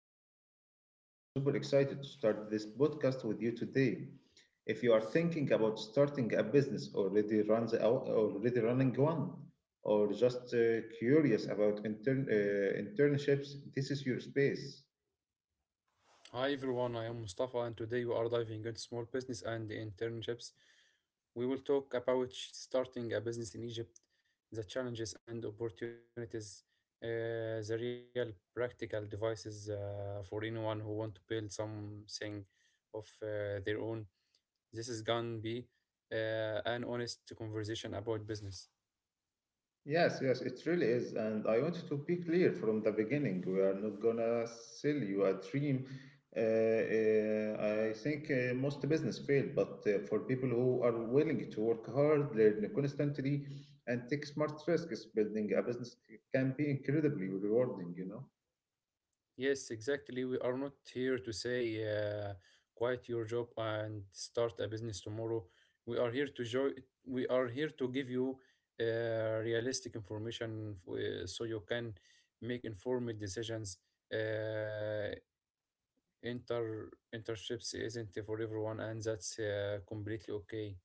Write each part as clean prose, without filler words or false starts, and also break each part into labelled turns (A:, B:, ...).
A: am Ahmed and I am super excited to start this podcast with you today. If you are thinking about starting a business, already runs out, already running one, or just curious about internships, this is your space.
B: Hi everyone, I am Mustafa, and today we are diving into small business and internships. We will talk about starting a business in Egypt, the challenges and opportunities, uh, the real practical devices for anyone who want to build something of their own. This is gonna be an honest conversation about business.
A: Yes, yes, it really is. And I want to be clear from the beginning. We are not gonna sell you a dream. I think most business fail, but for people who are willing to work hard, learn constantly, and take smart risks, building a business can be incredibly rewarding, you know?
B: Yes, exactly. We are not here to say quit your job and start a business tomorrow. We are here to joy. We are here to give you realistic information so you can make informed decisions. Uh, Internships isn't for everyone, and that's completely okay.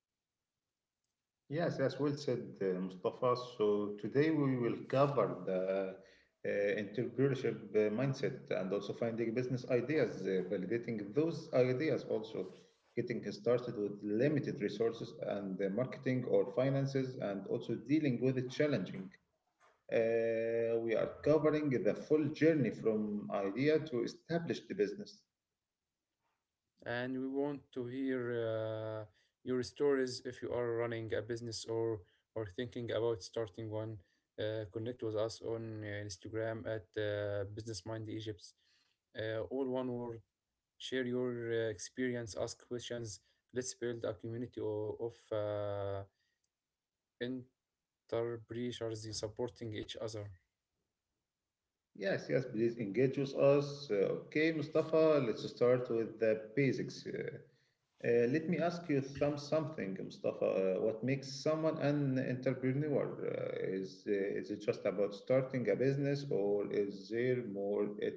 A: Yes, as well said, Mustafa. So today we will cover the entrepreneurship mindset and also finding business ideas, validating those ideas, also getting started with limited resources and marketing or finances, and also dealing with the challenging. We are covering the full journey from idea to established business.
B: And we want to hear your stories if you are running a business or thinking about starting one. Connect with us on Instagram at Business Mind Egypt. All one word. Share your experience. Ask questions. Let's build a community of entrepreneurs supporting each other.
A: Yes, yes, please engage with us. Okay, Mustafa, let's start with the basics. Let me ask you something, Mustafa. What makes someone an entrepreneur? Is is it just about starting a business, or is there more? It,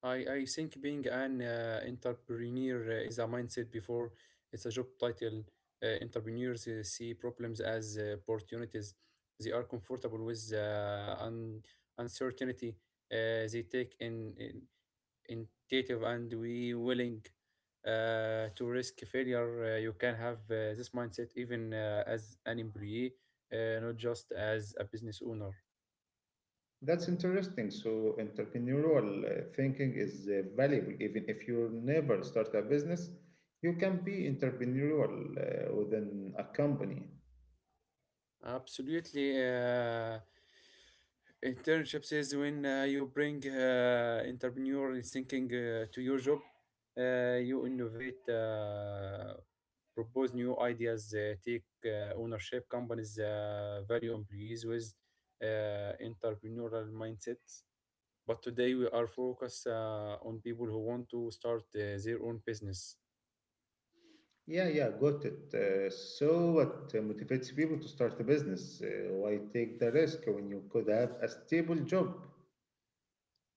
B: I think being an entrepreneur is a mindset before it's a job title. Entrepreneurs see problems as opportunities. They are comfortable with uncertainty. They take in initiative and we willing to risk failure. You can have this mindset even as an employee, not just as a business owner.
A: that's interesting. So entrepreneurial thinking is valuable, even if you never start a business. You can be entrepreneurial within a company.
B: Absolutely. Internships is when you bring entrepreneurial thinking to your job. You innovate, propose new ideas, take ownership. Companies value employees with entrepreneurial mindsets. But today we are focused on people who want to start their own business.
A: Yeah, yeah, got it. So what motivates people to start a business? Why take the risk when you could have a stable job?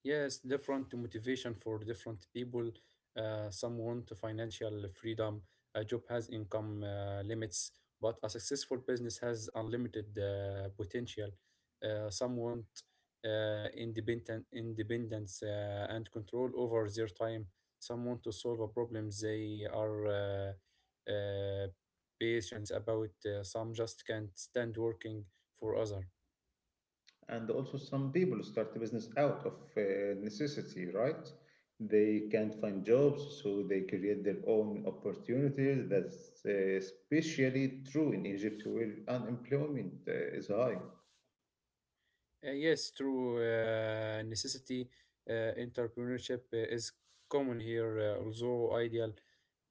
B: Yes, different motivation for different people. Some want financial freedom. A job has income limits, but a successful business has unlimited potential. Some want independent independence and control over their time. Some want to solve a problem they are patient about. Some just can't stand working for others.
A: And also, some people start a business out of necessity, right? They can't find jobs, so they create their own opportunities. That's especially true in Egypt, where unemployment is high.
B: Yes, true. Necessity entrepreneurship is common here, although ideal.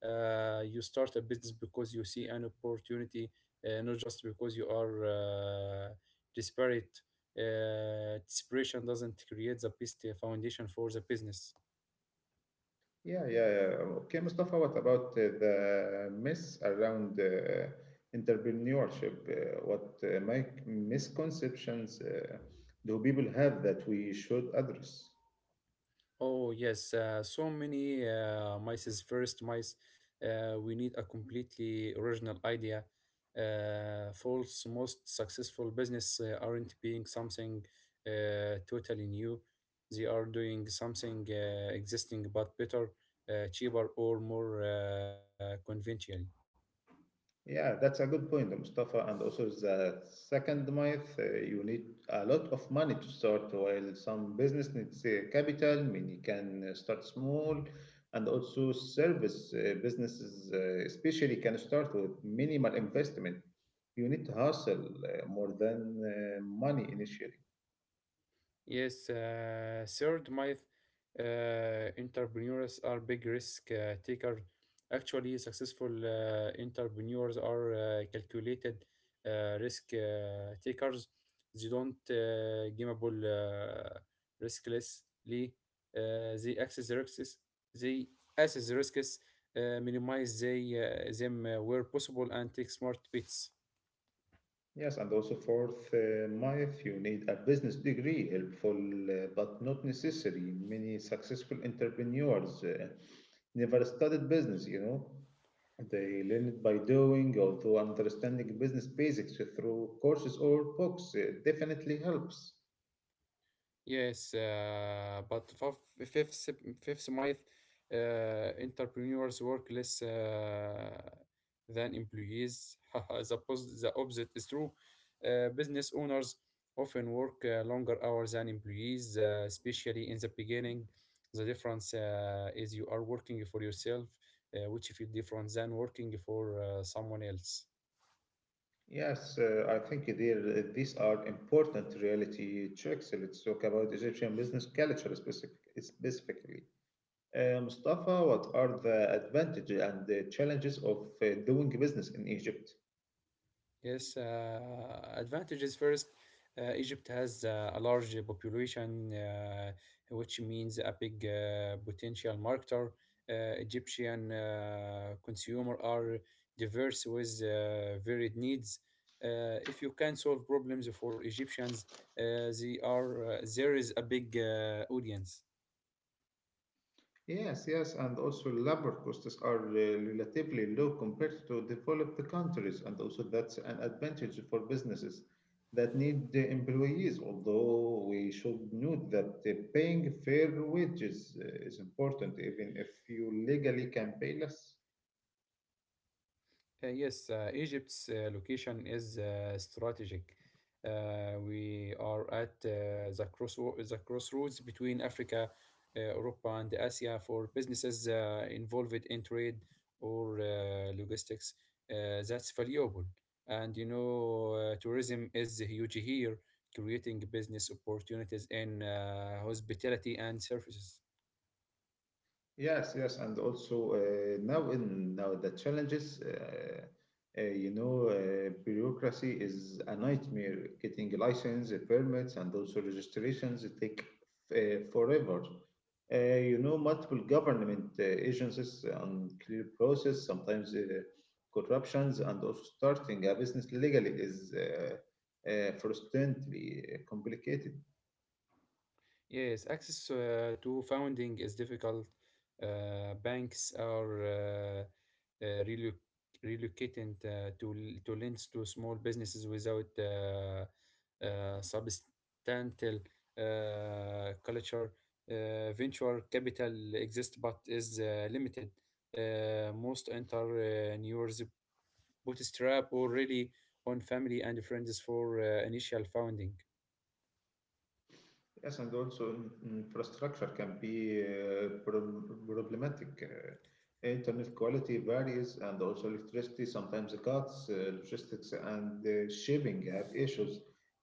B: You start a business because you see an opportunity, not just because you are desperate. Desperation doesn't create the best foundation for the business.
A: Yeah, yeah, yeah. Okay, Mustafa, what about the myths around entrepreneurship? What my misconceptions do people have that we should address?
B: Oh yes, so many mice's first mice. We need a completely original idea. False most successful business aren't being something totally new. They are doing something existing but better, cheaper, or more conventional.
A: Yeah, that's a good point, Mustafa. And also, the second myth, you need a lot of money to start, while some business needs capital, many can start small, and also service businesses, especially, can start with minimal investment. You need to hustle more than money initially.
B: Yes, third myth entrepreneurs are big risk taker. Actually, successful entrepreneurs are calculated risk takers. They don't gamble risklessly. They access the risks. They assess the risks, them where possible, and take smart bets.
A: Yes, and also fourth, Maif, you need a business degree, helpful but not necessary. Many successful entrepreneurs never studied business, you know. They learn it by doing, although understanding business basics through courses or books definitely helps.
B: Yes, fifth month, uh, entrepreneurs work less than employees. The opposite is true. Business owners often work longer hours than employees, especially in the beginning. The difference is you are working for yourself, which feel different than working for someone else.
A: Yes, I think these are important reality checks. Let's talk about Egyptian business culture specifically. Mustafa, what are the advantages and the challenges of doing business in Egypt?
B: Yes, advantages first. Egypt has a large population, which means a big potential marketer. Egyptian consumer are diverse with varied needs. If you can solve problems for Egyptians, they are there is a big audience.
A: Yes, yes, and also labor costs are relatively low compared to developed countries, and also that's an advantage for businesses that need employees. Although we should note that paying fair wages is important, even if you legally can pay less.
B: Yes, Egypt's location is strategic. We are at the crossroads between Africa, Europe, and Asia for businesses involved in trade or logistics. That's valuable, and you know, tourism is huge here, creating business opportunities in hospitality and services.
A: Yes, yes, and also now the challenges. You know, bureaucracy is a nightmare. Getting license, permits, and also registrations take forever. You know, multiple government agencies, unclear process, sometimes corruptions, and also starting a business legally is frustratingly complicated.
B: Yes, access to funding is difficult. Banks are uh, relo- relocating to lend to small businesses without substantial culture. Venture capital exists but is limited. Most entrepreneurs bootstrap already on family and friends for initial funding.
A: Yes, and also infrastructure can be problematic. Internet quality varies, and also electricity sometimes cuts, logistics, and shipping have issues.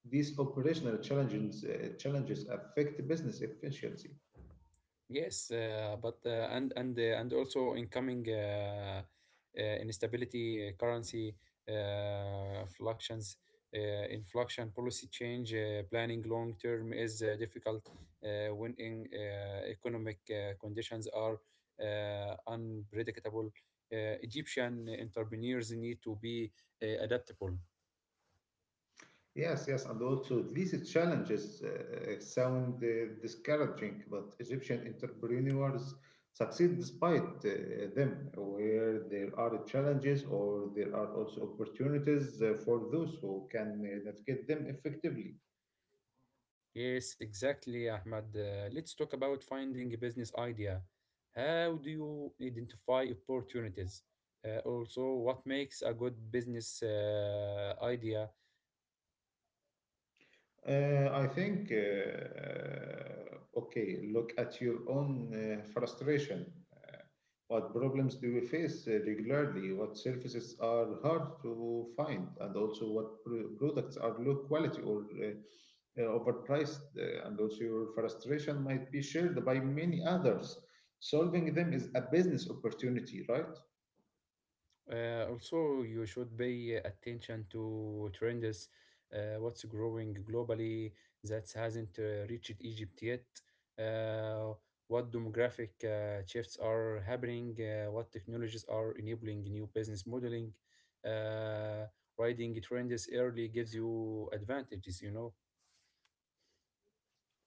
A: These operational challenges affect business efficiency.
B: Yes, but and also incoming instability, currency fluctuations, uh, inflation policy change, planning long term is difficult economic conditions are unpredictable. Egyptian entrepreneurs need to be adaptable.
A: Yes, yes, and also these challenges sound discouraging, but Egyptian entrepreneurs succeed despite them. Where there are challenges, or there are also opportunities for those who can navigate them effectively.
B: Yes, exactly, Ahmad. Let's talk about finding a business idea. How do you identify opportunities? Also, what makes a good business idea?
A: I think, okay, look at your own frustration. What problems do you face regularly? What services are hard to find? And also, what products are low quality or overpriced? And also, your frustration might be shared by many others. Solving them is a business opportunity, right?
B: Also, you should pay attention to trends, what's growing globally that hasn't reached Egypt yet, uh, what demographic shifts are happening, what technologies are enabling new business modeling. Uh, Riding trends early gives you advantages, you know.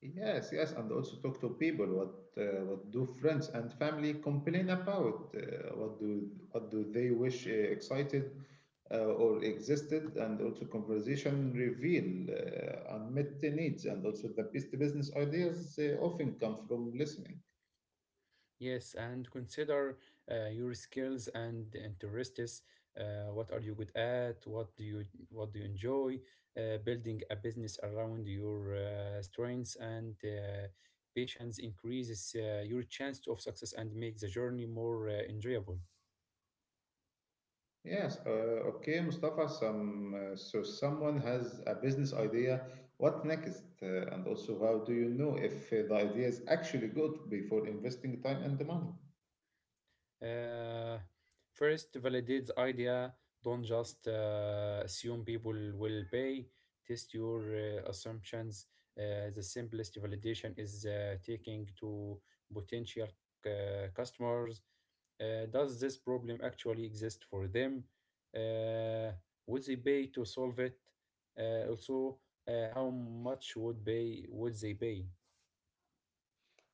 A: Yes, yes, and also talk to people. What do friends and family complain about? What do they wish excited or existed? And also conversation reveal unmet needs, and also the best business ideas often come from listening.
B: Yes, and consider your skills and interests. What are you good at? What do you enjoy? Building a business around your strengths and patience increases your chance of success and make the journey more enjoyable.
A: Yes, okay, Mustafa. Some so someone has a business idea. What next? And also, how do you know if the idea is actually good before investing time and the money?
B: Uh, First, validate the idea. Don't just assume people will pay. Test your assumptions. The simplest validation is taking to potential customers. Does this problem actually exist for them? Uh, would they pay to solve it? Also, how much would pay would they pay?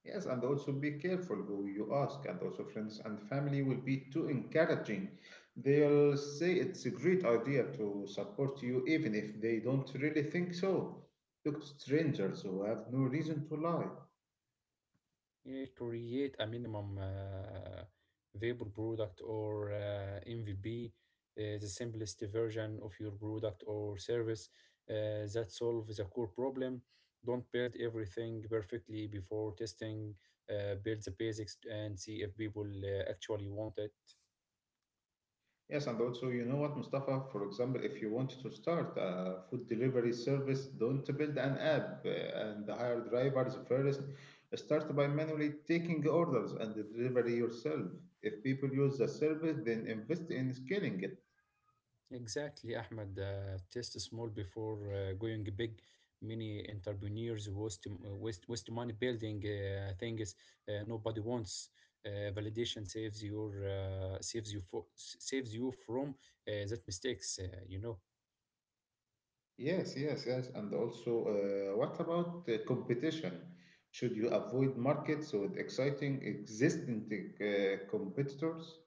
A: Yes, and also be careful who you ask, and also friends and family will be too encouraging. They'll say it's a great idea to support you, even if they don't really think so. Look to strangers who have no reason to lie.
B: Yeah, create a minimum viable product or MVP, the simplest version of your product or service that solves a core problem. Don't build everything perfectly before testing. Build the basics and see if people actually want it.
A: Yes, and also, you know what, Mustafa? For example, if you want to start a food delivery service, don't build an app and hire drivers first. Start by manually taking orders and deliver yourself. If people use the service, then invest in scaling it.
B: Exactly, Ahmed. Test small before going big. Many entrepreneurs waste money building things nobody wants. Validation saves you from that mistakes.
A: Yes, yes, yes. And also, what about competition? Should you avoid markets with exciting existing competitors?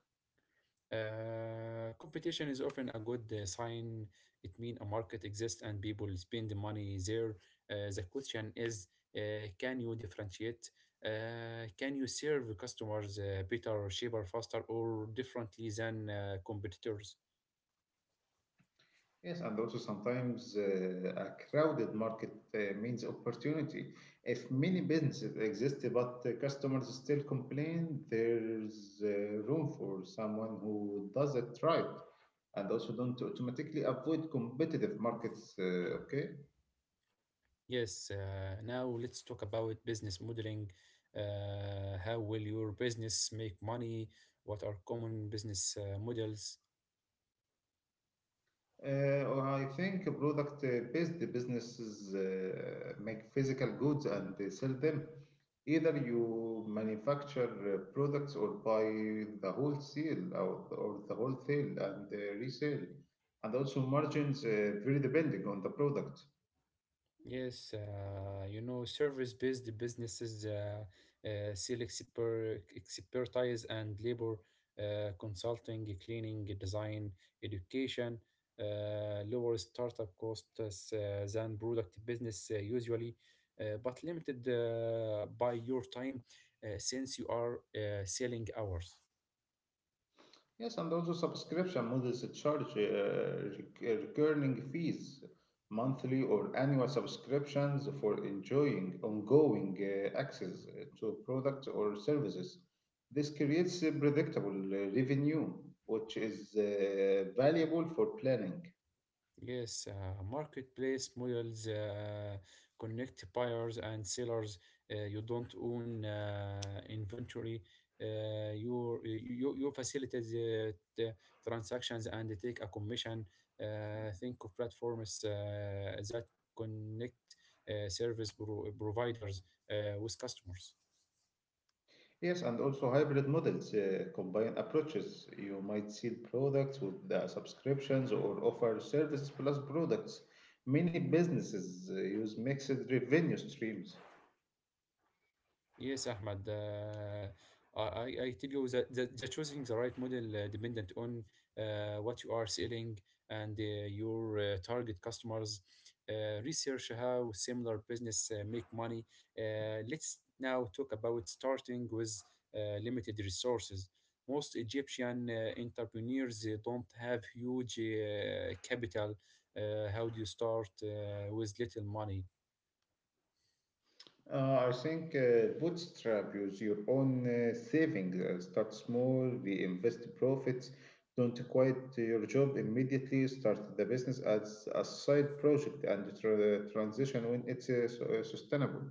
B: Competition is often a good sign. It means a market exists and people spend money there. The question is, can you differentiate? Can you serve customers better, cheaper, faster, or differently than competitors?
A: Yes, and also sometimes a crowded market means opportunity. If many businesses exist but customers still complain, there's room for someone who does it right, and also don't automatically avoid competitive markets, okay?
B: Yes. Now let's talk about business modeling. How will your business make money? What are common business models?
A: Well, I think product-based businesses make physical goods and they sell them. Either you manufacture products or buy the wholesale and resale. And also margins very depending on the product.
B: Yes, you know, service-based businesses sell exper expertise and labor, consulting, cleaning, design, education, lower startup costs than product business usually, but limited by your time since you are selling hours.
A: Yes, and also subscription models charge recurring fees, monthly or annual subscriptions for enjoying ongoing access to products or services. This creates a predictable revenue, which is valuable for planning.
B: Yes, marketplace models connect buyers and sellers. You don't own inventory. You facilitate the transactions and take a commission. Think of platforms that connect providers with customers.
A: Yes, and also hybrid models combine approaches. You might sell products with the subscriptions or offer services plus products. Many businesses use mixed revenue streams.
B: Yes, Ahmad. I, I tell you that choosing the right model dependent on what you are selling and your target customers. Research how similar business make money. Let's now talk about starting with limited resources. Most Egyptian entrepreneurs don't have huge capital. How do you start with little money?
A: I think bootstrap, use your own savings. Start small, reinvest profits. Don't quit your job immediately. Start the business as a side project and transition when it's sustainable.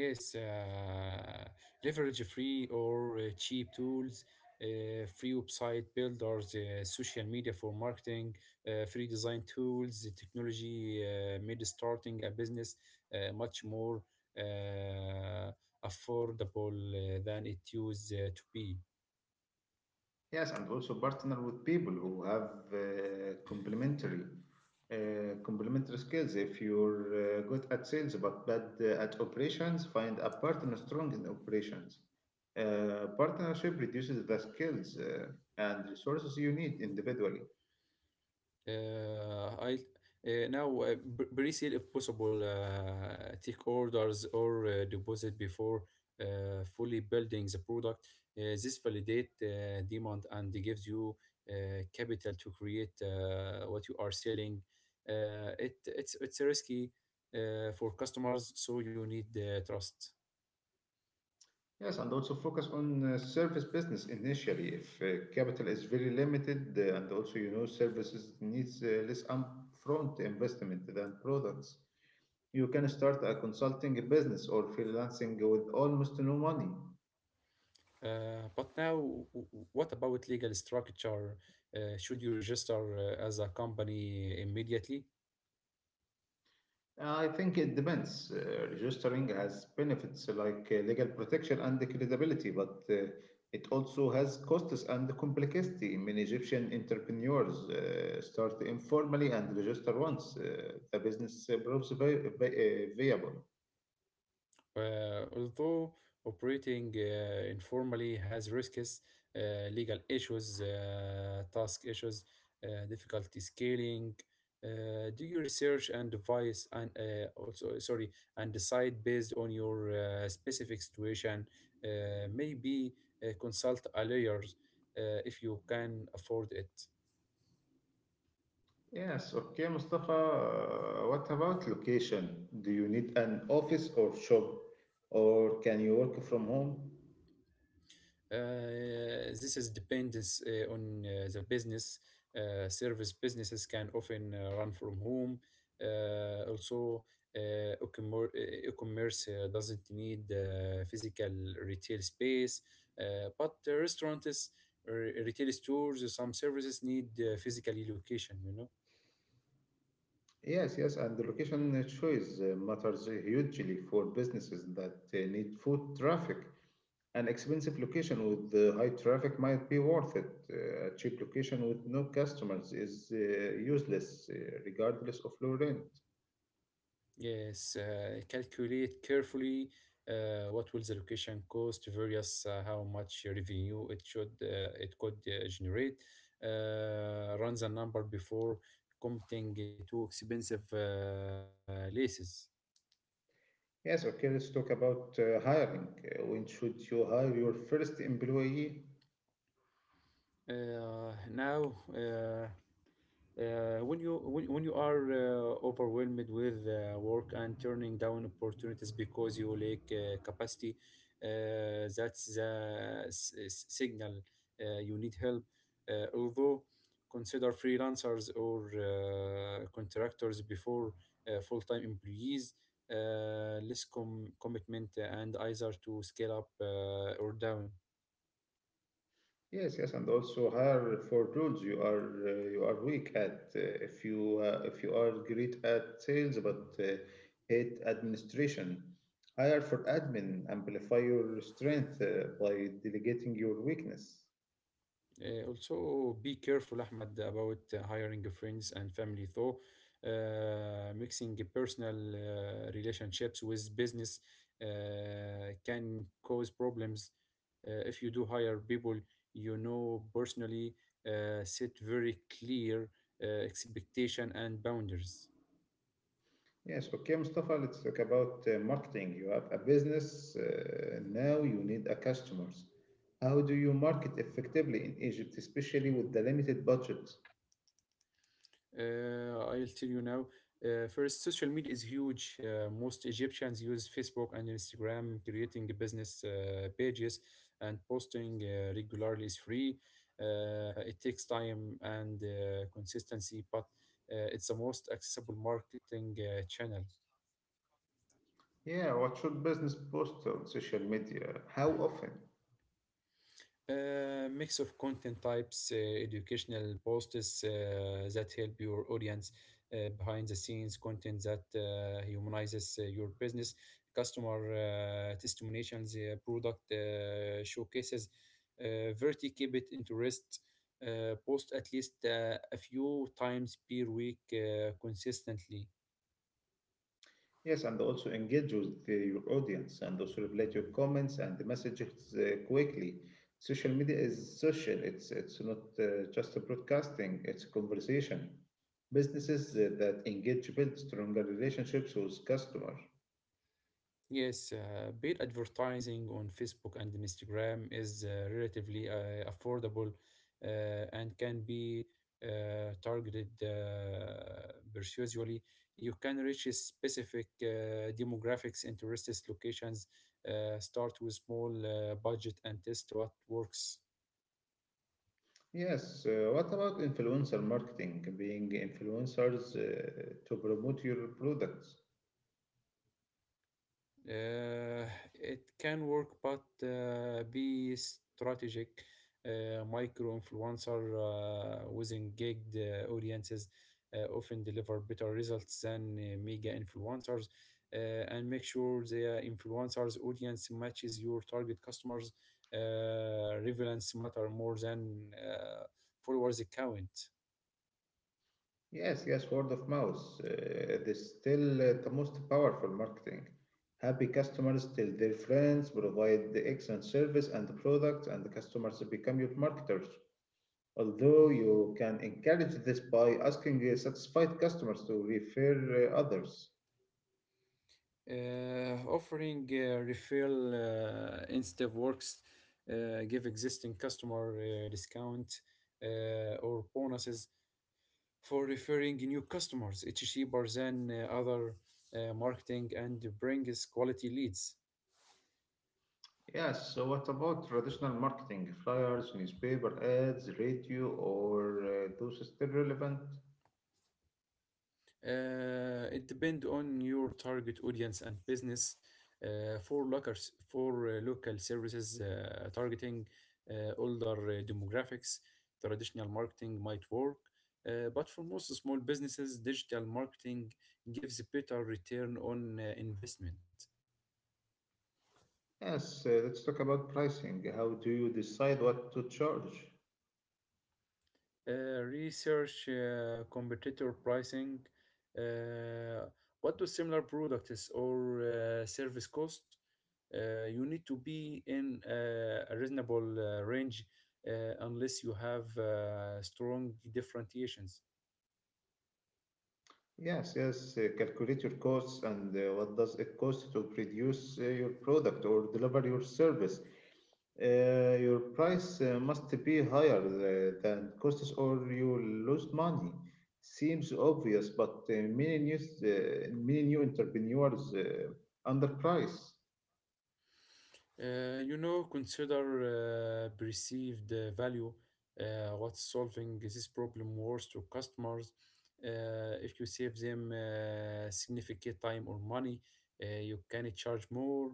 B: Yes, leverage free or cheap tools, free website builders, social media for marketing, free design tools, the technology made starting a business much more uh, affordable than it used to be.
A: Yes, and also partner with people who have complementary skills. If you're good at sales but bad at operations, find a partner strong in operations. Partnership reduces the skills and resources you need individually.
B: Uh, I Pre-sale if possible. Take orders or deposit before fully building the product. This validate demand and gives you capital to create what you are selling. It's risky for customers, so you need trust.
A: Yes, and also focus on service business initially if capital is very limited, and also you know services needs less upfront investment than products. You can start a consulting business or freelancing with almost no money.
B: But now, what about legal structure? Should you register as a company immediately?
A: I think it depends. Registering has benefits like legal protection and credibility, but it also has costs and complexity. Many Egyptian entrepreneurs start informally and register once the business proves viable.
B: Although operating informally has risks, legal issues, task issues, difficulty scaling, do your research and device and also sorry and decide based on your specific situation. Maybe consult a lawyers if you can afford it.
A: Yes, okay, Mustafa. What about location? Do you need an office or shop, or can you work from home?
B: This is dependence on the business. Service businesses can often run from home. Also, uh, e-commerce doesn't need physical retail space, but the restaurants, uh, retail stores, some services need physical location. You know.
A: Yes, yes, and the location choice matters hugely for businesses that need foot traffic. An expensive location with high traffic might be worth it. A cheap location with no customers is useless, regardless of low rent.
B: Yes, calculate carefully what will the location cost, various how much revenue it could generate. Run the number before committing to expensive leases.
A: Yes, okay, let's talk about hiring. When should you hire your first employee?
B: Now. Uh, when you are overwhelmed with work and turning down opportunities because you lack capacity, that's the signal you need help. Although consider freelancers or contractors before full-time employees. Less commitment and either to scale up or down.
A: Yes, yes, and also hire for tools. You are weak at. If you if you are great at sales but hate administration, hire for admin. Amplify your strength by delegating your weakness.
B: Also, be careful, Ahmad, about hiring friends and family, though. Mixing personal relationships with business can cause problems. If you do hire people you know personally, set very clear expectation and boundaries.
A: Yes, okay, Mustafa. Let's talk about marketing. You have a business now. You need a customers. How do you market effectively in Egypt, especially with the limited budget?
B: I'll tell you now. First, social media is huge. Most Egyptians use Facebook and Instagram, creating business pages and posting regularly is free. It takes time and consistency, but it's the most accessible marketing channel.
A: Yeah, what should business post on social media? How often?
B: A mix of content types, educational posts that help your audience, behind the scenes content that humanizes your business, customer testimonials, product showcases. Verti keep it interest. Post at least a few times per week consistently.
A: Yes, and also engage with your audience and also reply to your comments and the messages quickly. Social media is social. It's not just a broadcasting. It's a conversation. Businesses that engage build stronger relationships with customers.
B: Yes, paid advertising on Facebook and Instagram is relatively affordable uh, and can be targeted persuasively. You can reach a specific demographics, interests, locations. Start with small budget and test what works.
A: Yes. What about influencer marketing? Being influencers to promote your products.
B: Uh, it can work, but be strategic. Micro influencer with engaged audiences often deliver better results than mega influencers. Uh, and make sure the influencers' audience matches your target customers. Relevance matter more than followers count.
A: Yes, yes, word of mouth. It is still the most powerful marketing. Happy customers tell their friends, provide the excellent service and the products, and the customers become your marketers. Although you can encourage this by asking satisfied customers to refer others.
B: Offering refill instead works. Give existing customer discount or bonuses for referring new customers. It's cheaper than other marketing and brings quality leads.
A: Yes, so what about traditional marketing? Flyers, newspaper ads, radio, or those are still relevant?
B: It depends on your target audience and business. Uh, for local for local services targeting older demographics, traditional marketing might work. But for most small businesses, digital marketing gives a better return on investment.
A: Yes, let's talk about pricing. How do you decide what to charge?
B: Research competitor pricing. Uh, what do similar products or service cost? You need to be in a reasonable range unless you have strong differentiations.
A: Yes, yes. Calculate your costs and what does it cost to produce your product or deliver your service. Your price must be higher than costs or you lose money. Seems obvious, but many new entrepreneurs underprice.
B: Consider perceived value, what's solving this problem worth to customers. If you save them significant time or money, you can charge more.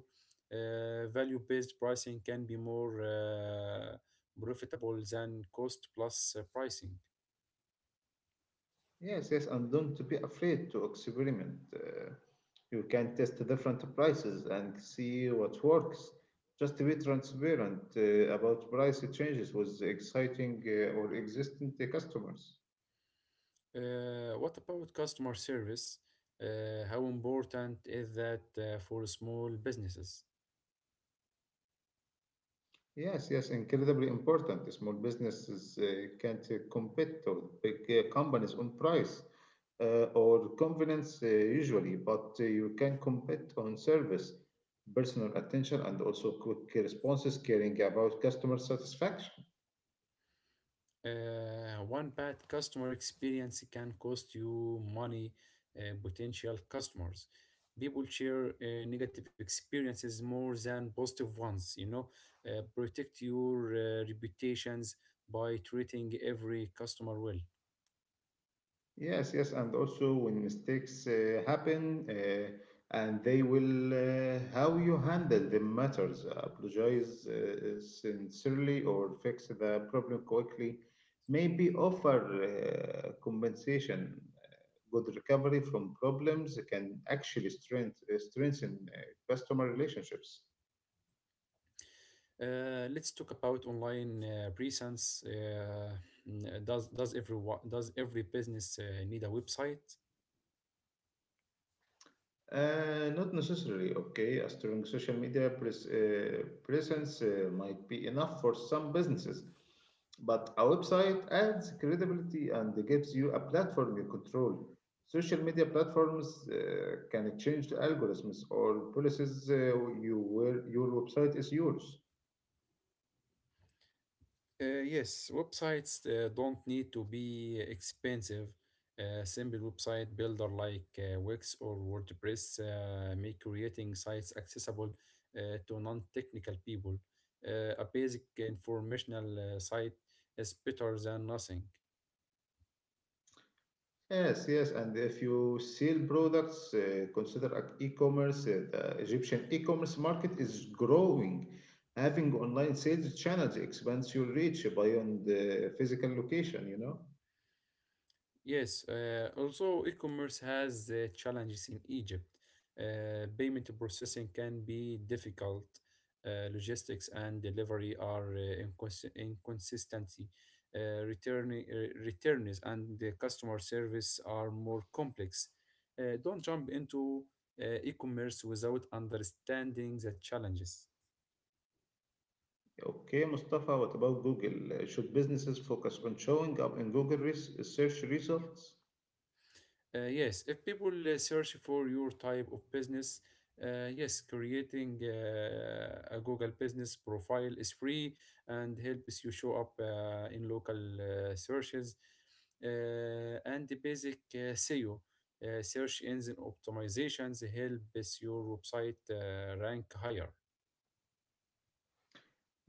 B: Value based pricing can be more profitable than cost plus pricing.
A: Yes, yes, and don't be afraid to experiment. You can test different prices and see what works. Just be transparent about price changes with exciting or existing customers.
B: What about customer service? How important is that for small businesses?
A: Yes, yes, incredibly important. Small businesses can't compete with big companies on price or convenience, usually, but you can compete on service, personal attention, and also quick responses, caring about customer satisfaction.
B: One bad customer experience can cost you money, potential customers. People share negative experiences more than positive ones. Protect your reputations by treating every customer well.
A: Yes, yes, and also when mistakes happen, and they will, how you handle the matters, apologize sincerely or fix the problem quickly, maybe offer compensation. Good recovery from problems can actually strengthen customer relationships.
B: Let's talk about online presence. N- does does every does every business need a website?
A: Not necessarily, okay. A strong social media presence might be enough for some businesses, but a website adds credibility and gives you a platform you control. Social media platforms can change the algorithms or policies, you where your website is yours.
B: Yes, websites don't need to be expensive. A simple website builder like Wix or WordPress make creating sites accessible to non-technical people. A basic informational site is better than nothing.
A: Yes, yes, and if you sell products, consider e-commerce. The Egyptian e-commerce market is growing. Having online sales channels expands your reach beyond the physical location, you know?
B: Yes, also, e-commerce has challenges in Egypt. Payment processing can be difficult. Logistics and delivery are inconsistency. Returns and the customer service are more complex. Don't jump into e-commerce without understanding the challenges.
A: Okay, Mustafa, what about Google? Should businesses focus on showing up in Google search results?
B: Yes, if people search for your type of business, yes, creating a Google business profile is free and helps you show up in local searches. And the basic SEO, search engine optimizations, helps your website rank higher.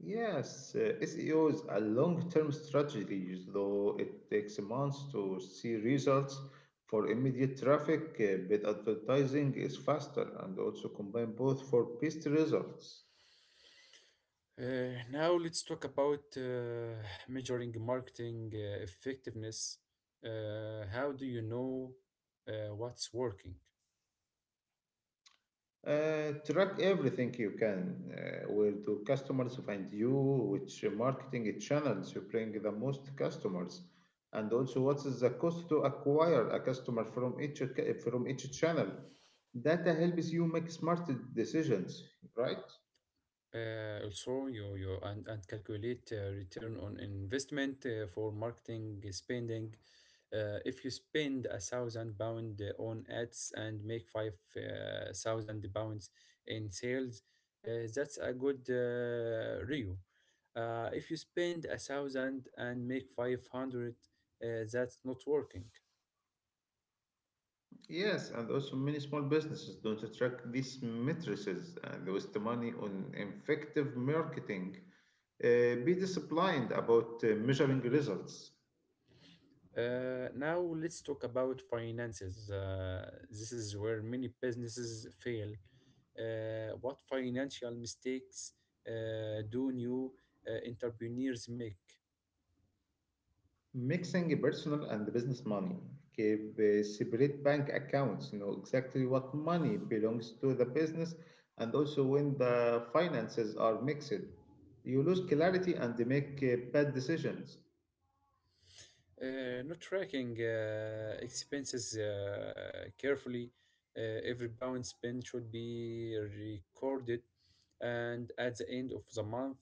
A: Yes, SEO is a long-term strategy, though it takes months to see results. For immediate traffic, paid advertising is faster, and also combine both for best results.
B: Now let's talk about measuring marketing effectiveness. How do you know what's working?
A: Track everything you can. Where do customers find you? Which marketing channels you bring the most customers? And also, what is the cost to acquire a customer from each channel? Data helps you make smart decisions, right?
B: Also, you and calculate return on investment for marketing spending. If you spend 1,000 pound on ads and make five thousand pounds in sales, uh, that's a good review. If you spend a thousand and make 500, that's not working.
A: Yes, and also many small businesses don't track these matrices and waste money on effective marketing. Be disciplined about measuring results.
B: Now let's talk about finances. This is where many businesses fail. What financial mistakes do new entrepreneurs make?
A: Mixing personal and business money. Keep separate bank accounts. Know exactly what money belongs to the business, and also when the finances are mixed, you lose clarity and they make bad decisions.
B: Not tracking expenses carefully. Every pound spent should be recorded, and at the end of the month,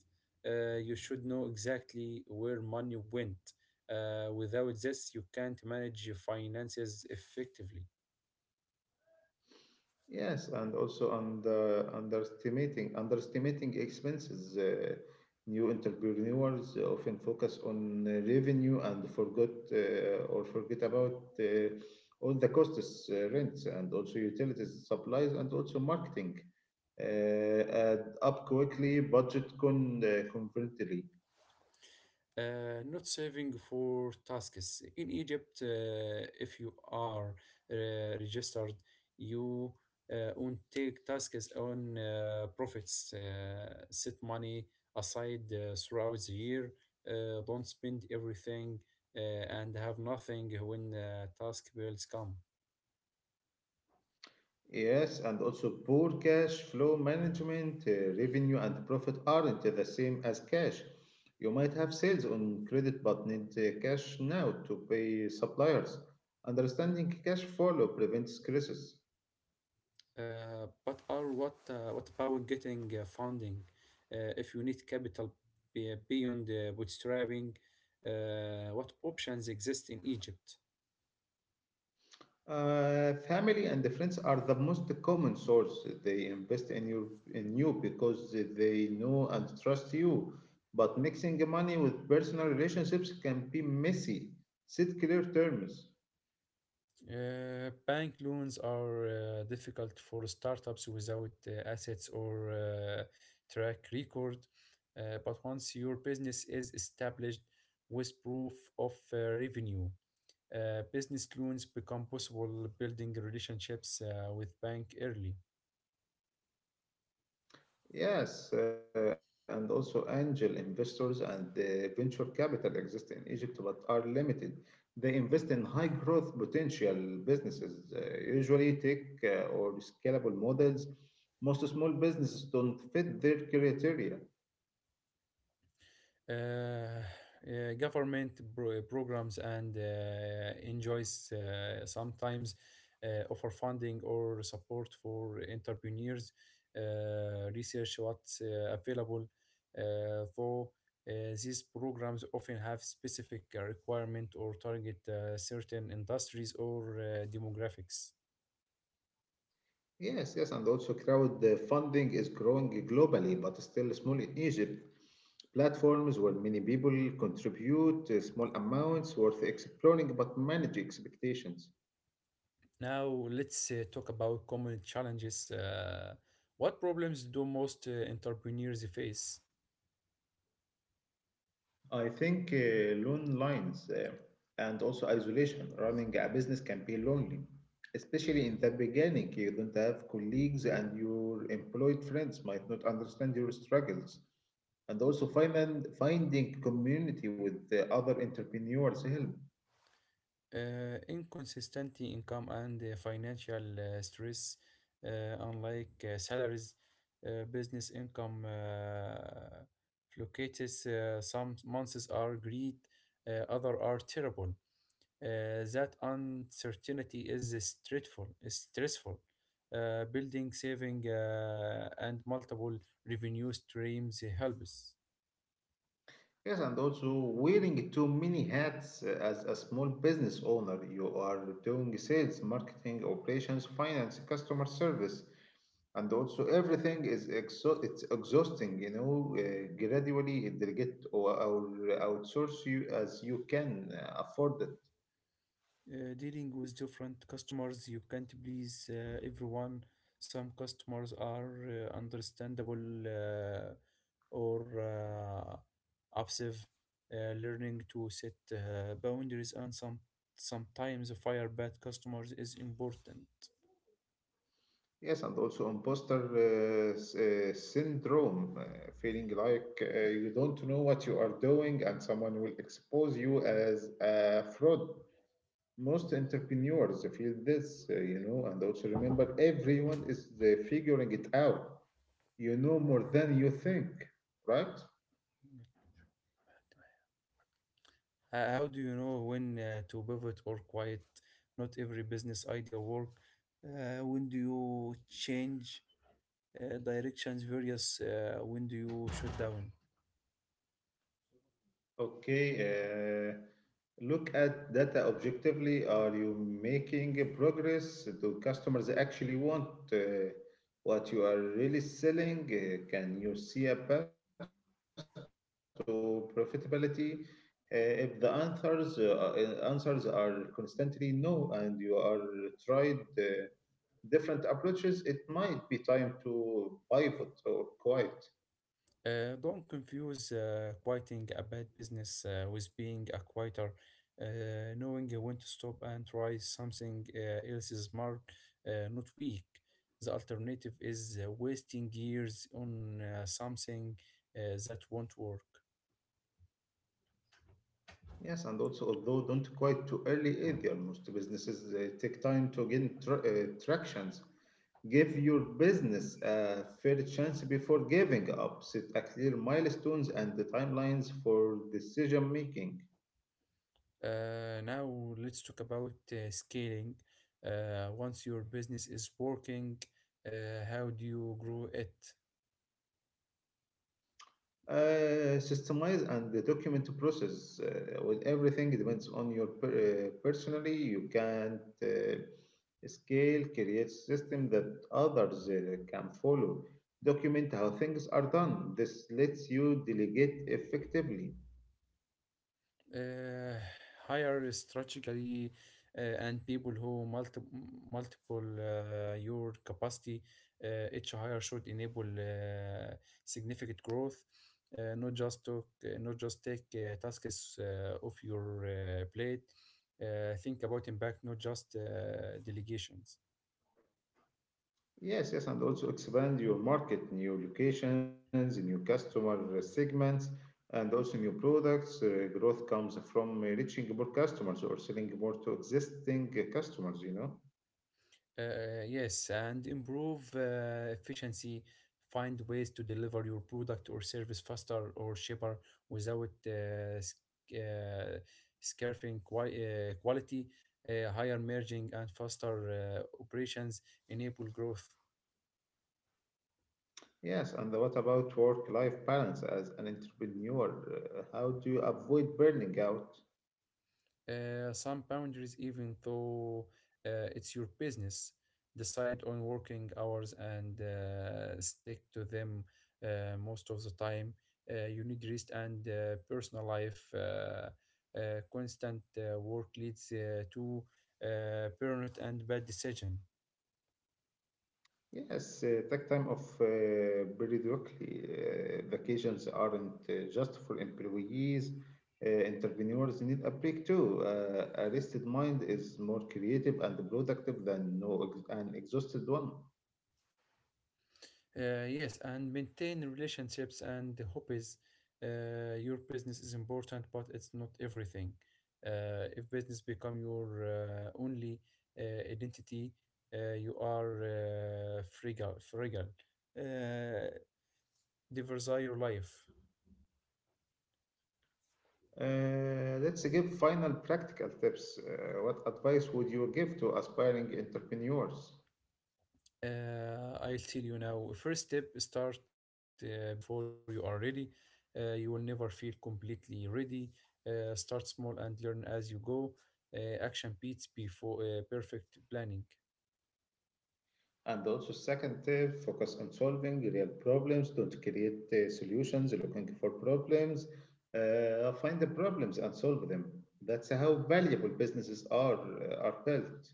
B: you should know exactly where money went. Without this, you can't manage your finances effectively.
A: Yes, and also underestimating expenses. New entrepreneurs often focus on revenue and forgot or forget about all the costs, rents, and also utilities, supplies, and also marketing. Uh, add up quickly, budget confidently.
B: Not saving for tasks. In Egypt, if you are uh, registered, you won't take tasks on profits. Set money aside throughout the year. Don't spend everything, and have nothing when task bills come.
A: Yes, and also poor cash flow management. Uh, revenue and profit aren't the same as cash. You might have sales on credit but need cash now to pay suppliers. Understanding cash flow prevents crisis.
B: But are what What about getting funding? If you need capital beyond bootstrapping, what options exist in Egypt?
A: Family and friends are the most common source. They invest in you, in you, because they know and trust you. But mixing money with personal relationships can be messy. Set clear terms.
B: Bank loans are difficult for startups without assets or track record. But once your business is established with proof of revenue, business loans become possible, building relationships with bank early.
A: Yes, and also angel investors and venture capital exist in Egypt but are limited. They invest in high growth potential businesses, usually tech uh, or scalable models. Most small businesses don't fit their criteria.
B: uh, Government programs and enjoys sometimes offer funding or support for entrepreneurs. Research what's available, though uh, these programs often have specific requirement or target certain industries or demographics.
A: Yes, yes, and also crowd funding is growing globally but still small in Egypt. Platforms where many people contribute small amounts worth exploring, but manage expectations.
B: Now let's talk about common challenges. What problems do most entrepreneurs face?
A: I think long lines and also isolation. Running a business can be lonely, especially in the beginning. You don't have colleagues, and your employed friends might not understand your struggles. And also finding community with the other entrepreneurs help.
B: Inconsistent income and financial stress, uh, unlike salaries, business income fluctuates. Some months are great, other are terrible. That uncertainty is stressful. Stressful. Building, saving, and multiple revenue streams helps.
A: Yes, and also wearing too many hats as a small business owner. You are doing sales, marketing, operations, finance, customer service, and also everything is it's exhausting, you know. Uh, gradually delegate or outsource you as you can afford it.
B: Dealing with different customers, you can't please everyone. Some customers are understandable uh, or obsessive. Learning to set boundaries and sometimes fire bad customers is important.
A: Yes, and also imposter syndrome, feeling like you don't know what you are doing and someone will expose you as a fraud. Most entrepreneurs feel this, you know. And also remember, everyone is figuring it out. You know more than you think, right?
B: How do you know when to pivot or quiet? Not every business idea work. When do you change directions various? When do you shut down?
A: Okay, look at data objectively. Are you making a progress? Do customers actually want what you are really selling? Can you see a path to profitability? If the answers are constantly no, and you are tried different approaches, it might be time to pivot or quit.
B: Don't confuse quieting a bad business with being a quieter. Knowing when to stop and try something else is smart, not weak. The alternative is wasting years on something uh, that won't work.
A: Yes, and also, although don't quite too early either, most businesses take time to gain tractions. Give your business a fair chance before giving up. Set a clear milestones and the timelines for decision making.
B: Now, let's talk about scaling. Once your business is working, how do you grow it?
A: Uh, systemize and the document process, with everything depends on your personally, you can't scale. Create system that others can follow. Document how things are done. This lets you delegate effectively.
B: uh, Hire strategically and people who multiple your capacity. Each hire should enable significant growth, not just take tasks off your plate. Think about impact, not just delegations.
A: Yes, yes, and also expand your market, new locations, new customer segments, and also new products. Uh, growth comes from reaching more customers or selling more to existing customers, you know.
B: Yes, and improve efficiency. Find ways to deliver your product or service faster or cheaper without scarfing quality. Higher merging and faster operations enable growth.
A: Yes, and what about work-life balance as an entrepreneur? How do you avoid burning out?
B: Some boundaries, even though it's your business, decide on working hours and stick to them most of the time. You need rest and personal life. Constant work leads to burnout and bad decision.
A: Yes, take time off periodically. Vacations aren't just for employees. Entrepreneurs need a break too. A rested mind is more creative and productive than no ex- an exhausted one.
B: Yes, and maintain relationships and the hobbies. Your business is important, but it's not everything. If business become your only identity, you are fragile. Fragile. Uh, Diversify your life.
A: Let's give final practical tips. What advice would you give to aspiring entrepreneurs?
B: I'll tell you now. First step, start before you are ready. You will never feel completely ready. Start small and learn as you go. Action beats before perfect planning.
A: And also, second tip, focus on solving real problems. Don't create solutions looking for problems. Find the problems and solve them. That's how valuable businesses are built.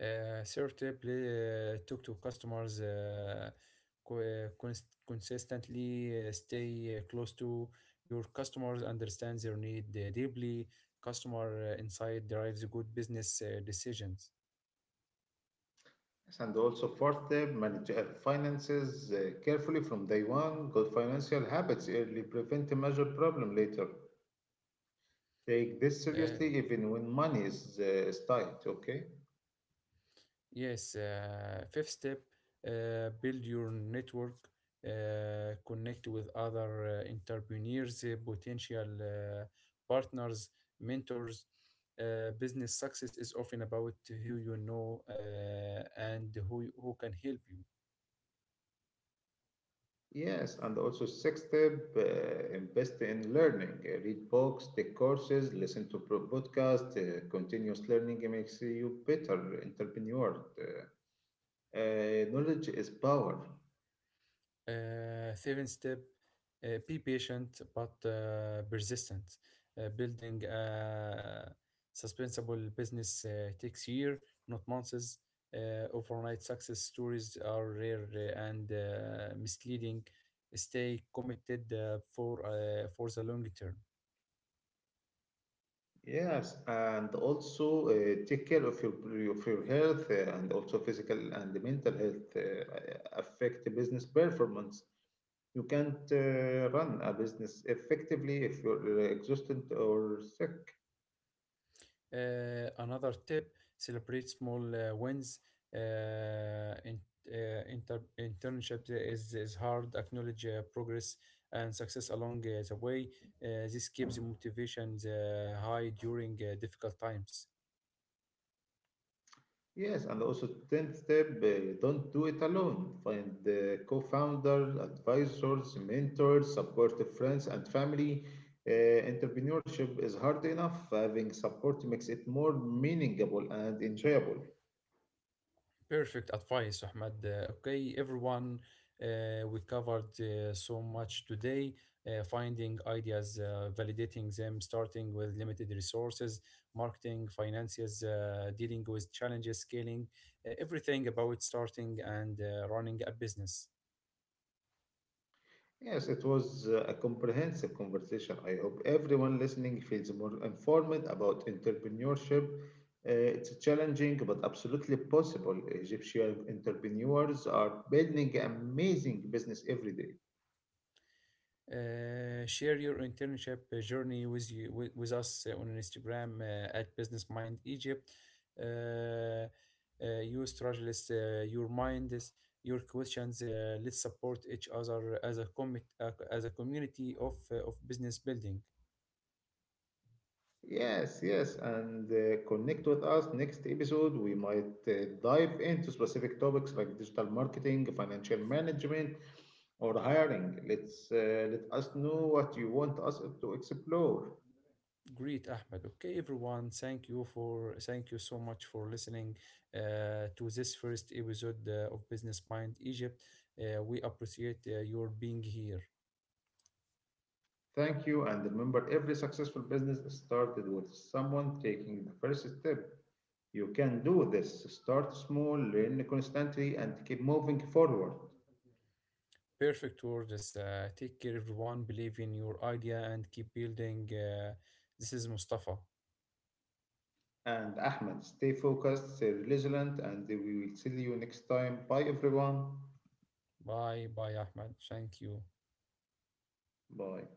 B: Third tip, talk to customers consistently. Stay close to your customers. Understand their need deeply. Customer insight drives good business decisions.
A: And also, fourth tip, manage finances carefully from day one. Good financial habits early prevent a major problem later. Take this seriously
B: Uh,
A: even when money is tight. Okay.
B: Yes, fifth step, build your network, connect with other entrepreneurs, potential partners, mentors. Business success is often about who you know and who can help you.
A: Yes, and also sixth step, invest in learning. Read books, take courses, listen to podcasts. Continuous learning makes you better entrepreneur. Uh, knowledge is power.
B: Seven step, be patient but persistent. Building a sustainable business takes year, not months. Overnight success stories are rare and misleading. Stay committed for the long term.
A: Yes, and also take care of your health, and also physical and mental health affect business performance. You can't run a business effectively if you're exhausted or sick.
B: Another tip, celebrate small wins. Uh, in, Internship is hard. Acknowledge progress and success along the way. This keeps the motivation high during difficult times.
A: Yes, and also 10th step, don't do it alone. Find co-founders, advisors, mentors, supportive friends and family. Entrepreneurship is hard enough. Having support makes it more meaningful and enjoyable.
B: Perfect advice, Ahmed. Okay, everyone, we covered so much today: finding ideas, validating them, starting with limited resources, marketing, finances, dealing with challenges, scaling, everything about starting and running a business.
A: Yes, it was a comprehensive conversation. I hope everyone listening feels more informed about entrepreneurship. It's challenging but absolutely possible. Egyptian entrepreneurs are building amazing business every day.
B: Share your internship journey with us on Instagram at Business Mind Egypt. Uh, your struggles, your minds, your questions. Let's support each other as a community of business building.
A: Yes, yes, and connect with us next episode. We might dive into specific topics like digital marketing, financial management, or hiring. Let us know what you want us to explore.
B: Great, Ahmed. Okay, everyone. Thank you so much for listening to this first episode of Business Mind Egypt. We appreciate your being here.
A: Thank you, and remember, every successful business started with someone taking the first step. You can do this. Start small, learn constantly, and keep moving forward.
B: Perfect words. Take care, everyone. Believe in your idea and keep building. This is Mustafa.
A: And Ahmed, stay focused, stay resilient, and we will see you next time. Bye, everyone.
B: Bye, bye, Ahmed. Thank you.
A: Bye.